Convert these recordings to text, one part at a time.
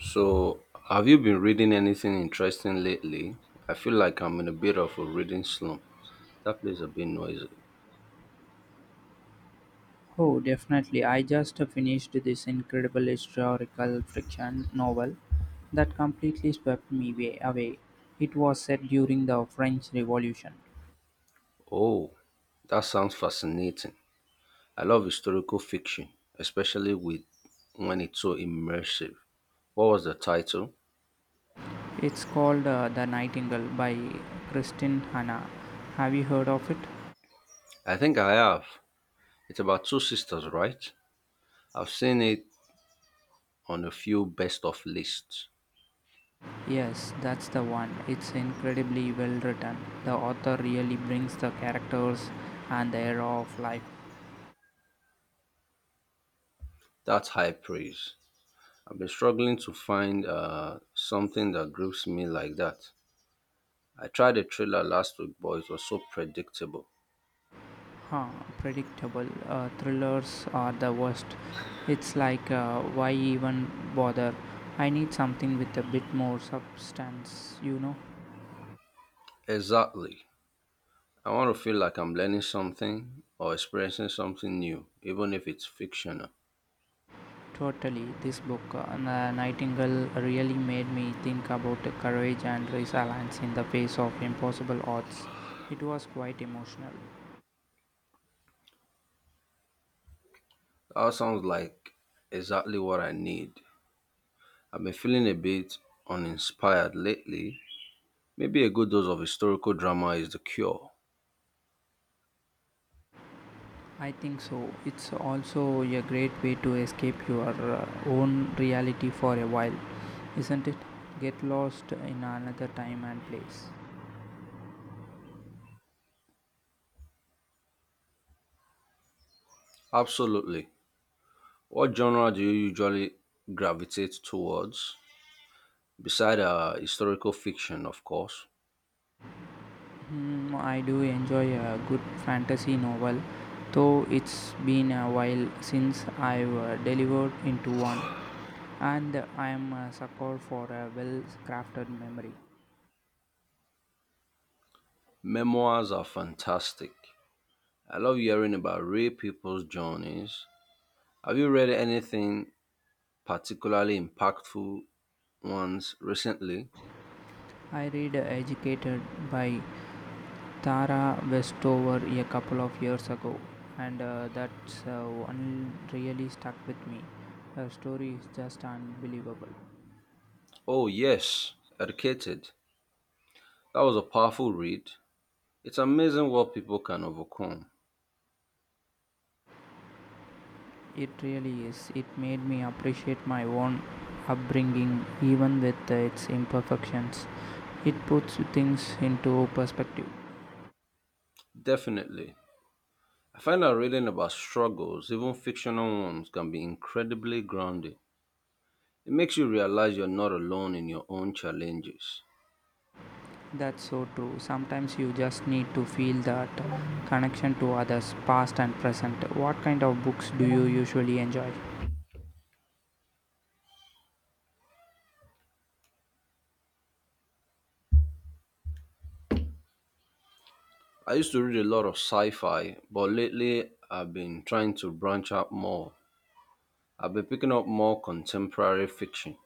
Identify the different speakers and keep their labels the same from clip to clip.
Speaker 1: So, have you been reading anything interesting lately? I feel like I'm in a bit of a reading slump. That place a bit noisy.
Speaker 2: Oh, definitely. I just finished this incredible historical fiction novel that completely swept me way away. It was set during the French Revolution.
Speaker 1: Oh, that sounds fascinating. I love historical fiction, especially with when it's so immersive. What was the title?
Speaker 2: It's called The Nightingale by Kristin Hanna. Have you heard of it?
Speaker 1: I think I have. It's about two sisters, right? I've seen it on a few best of lists.
Speaker 2: Yes, that's the one. It's incredibly well written. The author really brings the characters and the era of life.
Speaker 1: That's high praise. I've been struggling to find something that grips me like that. I tried a trailer last week, but it was so predictable.
Speaker 2: Huh, predictable. Thrillers are the worst. It's like, why even bother? I need something with a bit more substance, you know?
Speaker 1: Exactly. I want to feel like I'm learning something or experiencing something new, even if it's fictional.
Speaker 2: Totally. This book, Nightingale, really made me think about the courage and resilience in the face of impossible odds. It was quite emotional.
Speaker 1: That sounds like exactly what I need. I've been feeling a bit uninspired lately. Maybe a good dose of historical drama is the cure.
Speaker 2: I think so. It's also a great way to escape your uh, own reality for a while, isn't it? Get lost in another time and place.
Speaker 1: Absolutely. What genre do you usually gravitate towards? Beside historical fiction, of course.
Speaker 2: Hmm, I do enjoy a good fantasy novel, though it's been a while since I've delivered into one, and I am a sucker for a well crafted memory.
Speaker 1: Memoirs are fantastic. I love hearing about real people's journeys. Have you read anything particularly impactful ones recently?
Speaker 2: I read Educated by Tara Westover a couple of years ago, and that's one really stuck with me. Her story is just unbelievable.
Speaker 1: Oh, yes, Educated. That was a powerful read. It's amazing what people can overcome.
Speaker 2: It really is. It made me appreciate my own upbringing, even with its imperfections. It puts things into perspective.
Speaker 1: Definitely. I find that reading about struggles, even fictional ones, can be incredibly grounding. It makes you realize you're not alone in your own challenges.
Speaker 2: That's so true. Sometimes you just need to feel that connection to others, past and present. What kind of books do you usually enjoy?
Speaker 1: I used to read a lot of sci fi, but lately I've been trying to branch out more. I've been picking up more contemporary fiction.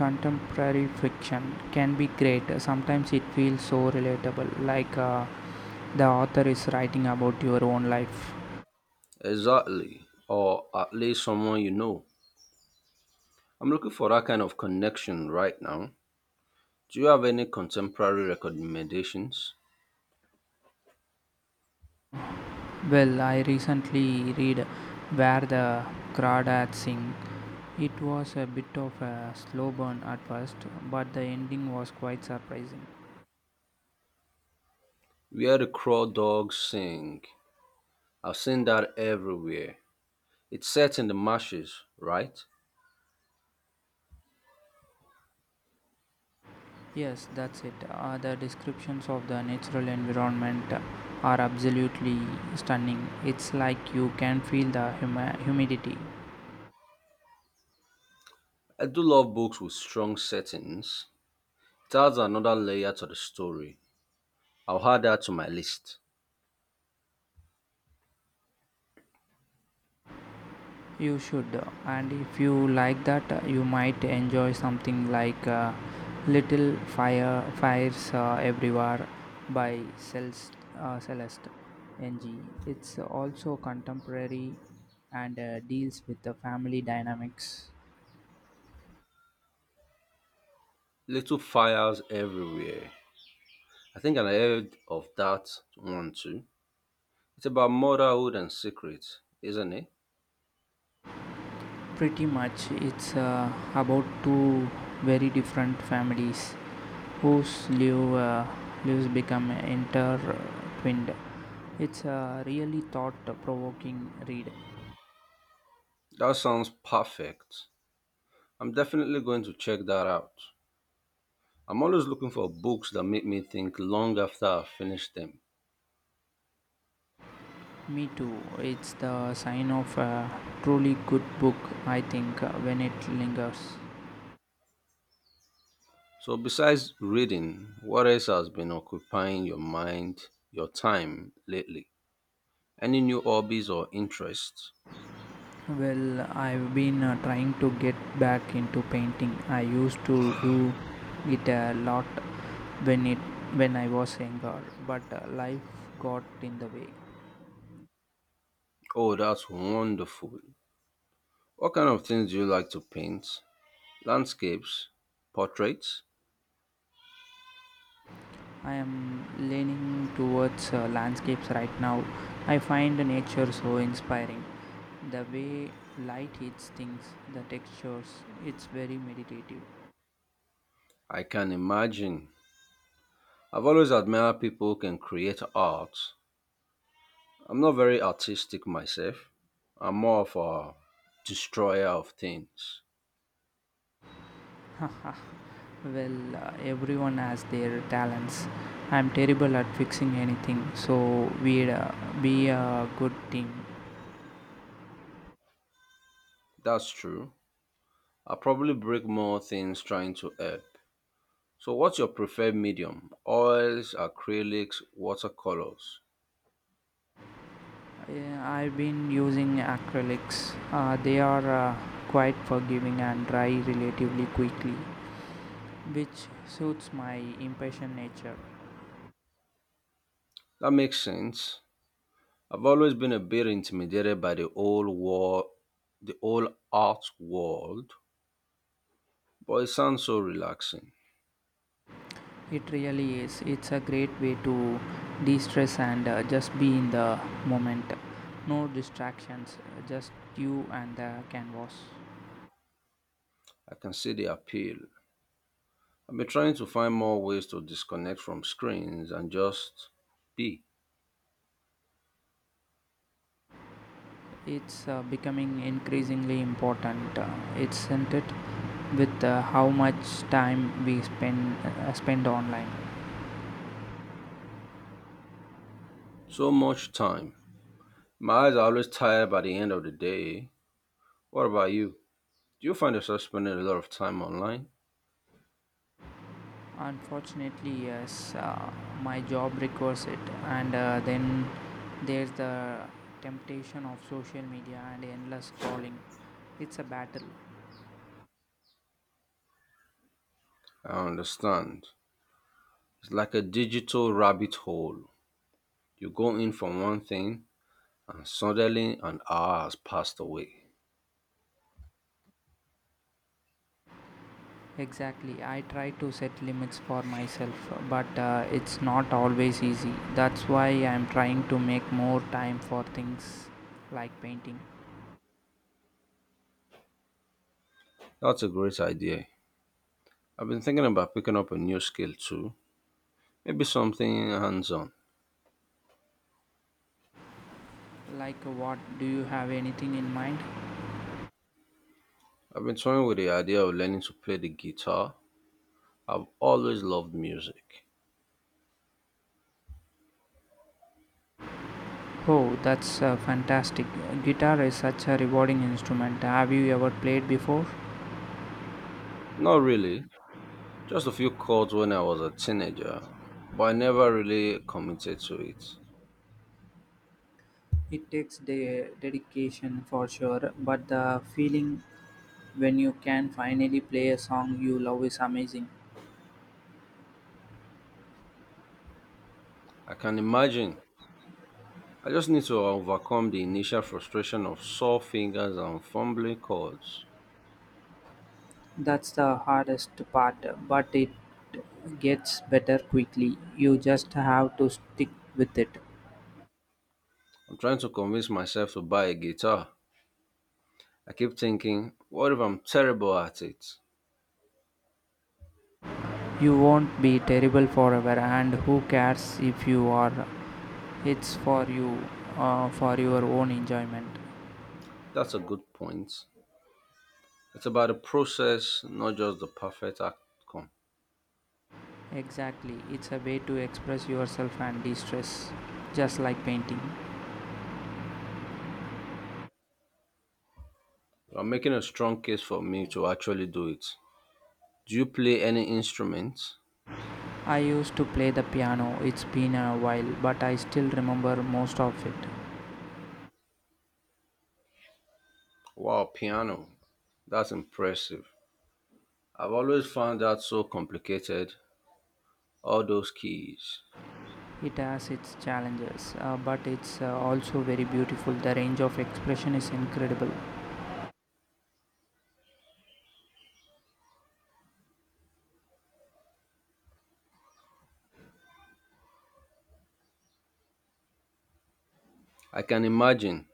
Speaker 2: Contemporary fiction can be great. Sometimes it feels so relatable, like the author is writing about your own life.
Speaker 1: Exactly. Or at least someone you know. I'm looking for that kind of connection right now. Do you have any contemporary recommendations?
Speaker 2: Well, I recently read Where the Crawdads Sing. It was a bit of a slow burn at first, but the ending was quite surprising.
Speaker 1: Where the Crow Dogs Sing. I've seen that everywhere. It's set in the marshes, right?
Speaker 2: Yes, that's it. The descriptions of the natural environment are absolutely stunning. It's like you can feel the humidity.
Speaker 1: I do love books with strong settings. It adds another layer to the story. I'll add that to my list.
Speaker 2: You should, and if you like that, you might enjoy something like Little Fire Fires Everywhere by Celeste NG. It's also contemporary and deals with the family dynamics.
Speaker 1: Little fires everywhere. I think I heard of that one too. It's about motherhood and secrets, isn't it?
Speaker 2: Pretty much, it's about two very different families whose lives become intertwined. It's a really thought provoking read.
Speaker 1: That sounds perfect. I'm definitely going to check that out. I'm always looking for books that make me think long after I've finished them.
Speaker 2: Me too. It's the sign of a truly good book, I think, when it lingers.
Speaker 1: So, besides reading, what else has been occupying your mind, your time lately? Any new hobbies or interests?
Speaker 2: Well, I've been trying to get back into painting. I used to do it a lot when it when I was younger, but life got in the way.
Speaker 1: Oh, that's wonderful. What kind of things do you like to paint? Landscapes? Portraits?
Speaker 2: I am leaning towards landscapes right now. I find nature so inspiring. The way light hits things, the textures, it's very meditative.
Speaker 1: I can imagine. I've always admired people who can create art. I'm not very artistic myself. I'm more of a destroyer of things.
Speaker 2: Well, everyone has their talents. I'm terrible at fixing anything, so we'd be a good team.
Speaker 1: That's true. I probably break more things trying to help. So, what's your preferred medium? Oils, acrylics, watercolors?
Speaker 2: Yeah, I've been using acrylics. They are quite forgiving and dry relatively quickly, which suits my impatient nature.
Speaker 1: That makes sense. I've always been a bit intimidated by the whole art world, but it sounds so relaxing.
Speaker 2: It really is. It's a great way to de stress and just be in the moment. No distractions, just you and the canvas.
Speaker 1: I can see the appeal. I've been trying to find more ways to disconnect from screens and just be.
Speaker 2: It's becoming increasingly important, isn't it? With how much time we spend spend online.
Speaker 1: So much time. My eyes are always tired by the end of the day. What about you? Do you find yourself spending a lot of time online?
Speaker 2: Unfortunately, yes, my job requires it, and then there's the temptation of social media and endless scrolling. It's a battle.
Speaker 1: I understand. It's like a digital rabbit hole. You go in for one thing and suddenly an hour has passed away.
Speaker 2: Exactly. I try to set limits for myself, but it's not always easy. That's why I'm trying to make more time for things like painting.
Speaker 1: That's a great idea. I've been thinking about picking up a new skill too. Maybe something hands on.
Speaker 2: Like what? Do you have anything in mind?
Speaker 1: I've been toying with the idea of learning to play the guitar. I've always loved music.
Speaker 2: Oh, that's fantastic. Guitar is such a rewarding instrument. Have you ever played before?
Speaker 1: Not really. Just a few chords when I was a teenager, but I never really committed to it.
Speaker 2: It takes the dedication for sure, but the feeling when you can finally play a song you love is amazing.
Speaker 1: I can imagine. I just need to overcome the initial frustration of sore fingers and fumbling chords.
Speaker 2: That's the hardest part, but it gets better quickly. You just have to stick with it.
Speaker 1: I'm trying to convince myself to buy a guitar. I keep thinking, what if I'm terrible at it?
Speaker 2: You won't be terrible forever, and who cares if you are? It's for you, for your own enjoyment.
Speaker 1: That's a good point. It's about the process, not just the perfect outcome.
Speaker 2: Exactly, it's a way to express yourself and de stress, just like painting.
Speaker 1: I'm making a strong case for me to actually do it. Do you play any instruments?
Speaker 2: I used to play the piano, it's been a while, but I still remember most of it.
Speaker 1: Wow, piano. That's impressive. I've always found that so complicated, all those keys.
Speaker 2: It has its challenges, but it's also very beautiful. The range of expression is incredible.
Speaker 1: I can imagine.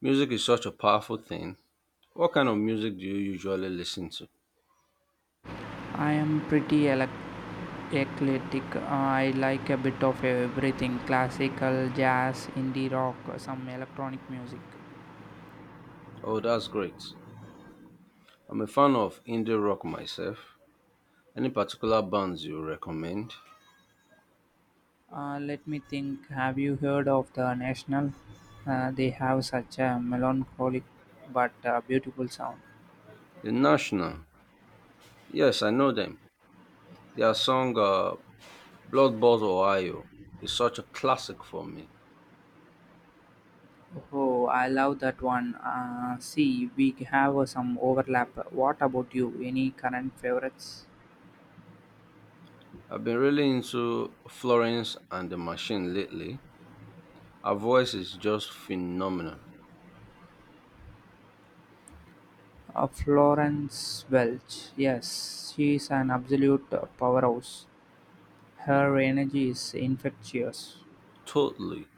Speaker 1: Music is such a powerful thing. What kind of music do you usually listen to?
Speaker 2: I am pretty eclectic. I like a bit of everything classical, jazz, indie rock, some electronic music.
Speaker 1: Oh, that's great. I'm a fan of indie rock myself. Any particular bands you recommend?
Speaker 2: Let me think. Have you heard of the National? They have such a melancholic but beautiful sound.
Speaker 1: The National. Yes, I know them. Their song Blood Bought Ohio is such a classic for me.
Speaker 2: Oh, I love that one. See, we have some overlap. What about you? Any current favorites?
Speaker 1: I've been really into Florence and the Machine lately. Her voice is just phenomenal.
Speaker 2: Florence Welch. Yes, she's an absolute powerhouse. Her energy is infectious.
Speaker 1: Totally.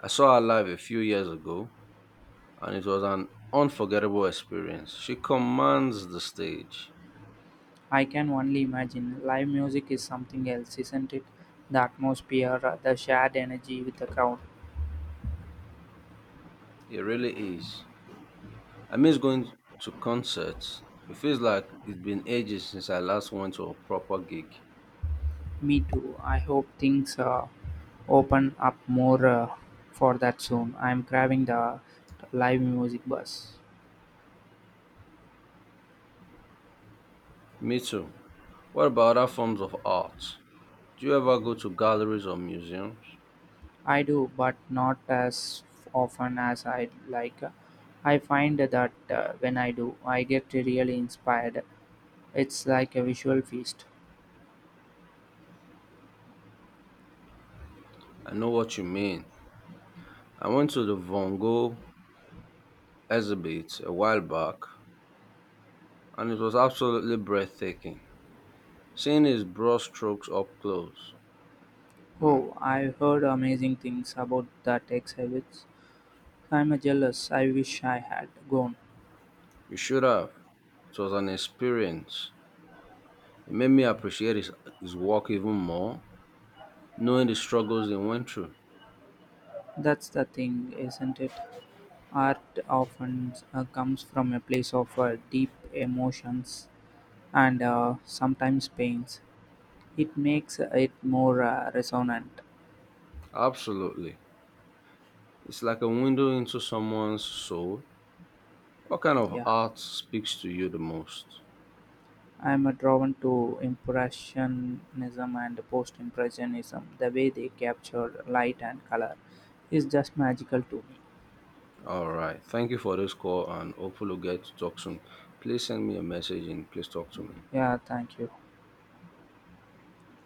Speaker 1: I saw her live a few years ago and it was an unforgettable experience. She commands the stage.
Speaker 2: I can only imagine. Live music is something else, isn't it? The atmosphere, the shared energy with the crowd.
Speaker 1: It really is. I miss going to concerts. It feels like it's been ages since I last went to a proper gig.
Speaker 2: Me too. I hope things open up more for that soon. I'm craving the live music buzz.
Speaker 1: Me too. What about other forms of art? Do you ever go to galleries or museums?
Speaker 2: I do, but not as often as I like. I find that when I do, I get really inspired. It's like a visual feast.
Speaker 1: I know what you mean. I went to the Van Gogh exhibit a while back and it was absolutely breathtaking. Seeing his brush strokes up close. Hmm.
Speaker 2: Oh, I've heard amazing things about the exhibits. I'm jealous. I wish I had gone.
Speaker 1: You should have. It was an experience. It made me appreciate his work even more, knowing the struggles he went through.
Speaker 2: That's the thing, isn't it? Art often comes from a place of deep emotions and sometimes pains. It makes it more resonant.
Speaker 1: Absolutely. It's like a window into someone's soul. What kind of
Speaker 2: Yeah,
Speaker 1: art speaks to you the most?
Speaker 2: I'm drawn to Impressionism and Post Impressionism. The way they capture light and color is just magical to me.
Speaker 1: All right. Thank you for this call and hopefully we'll get to talk soon. Please send me a message and please talk to me.
Speaker 2: Yeah, thank you.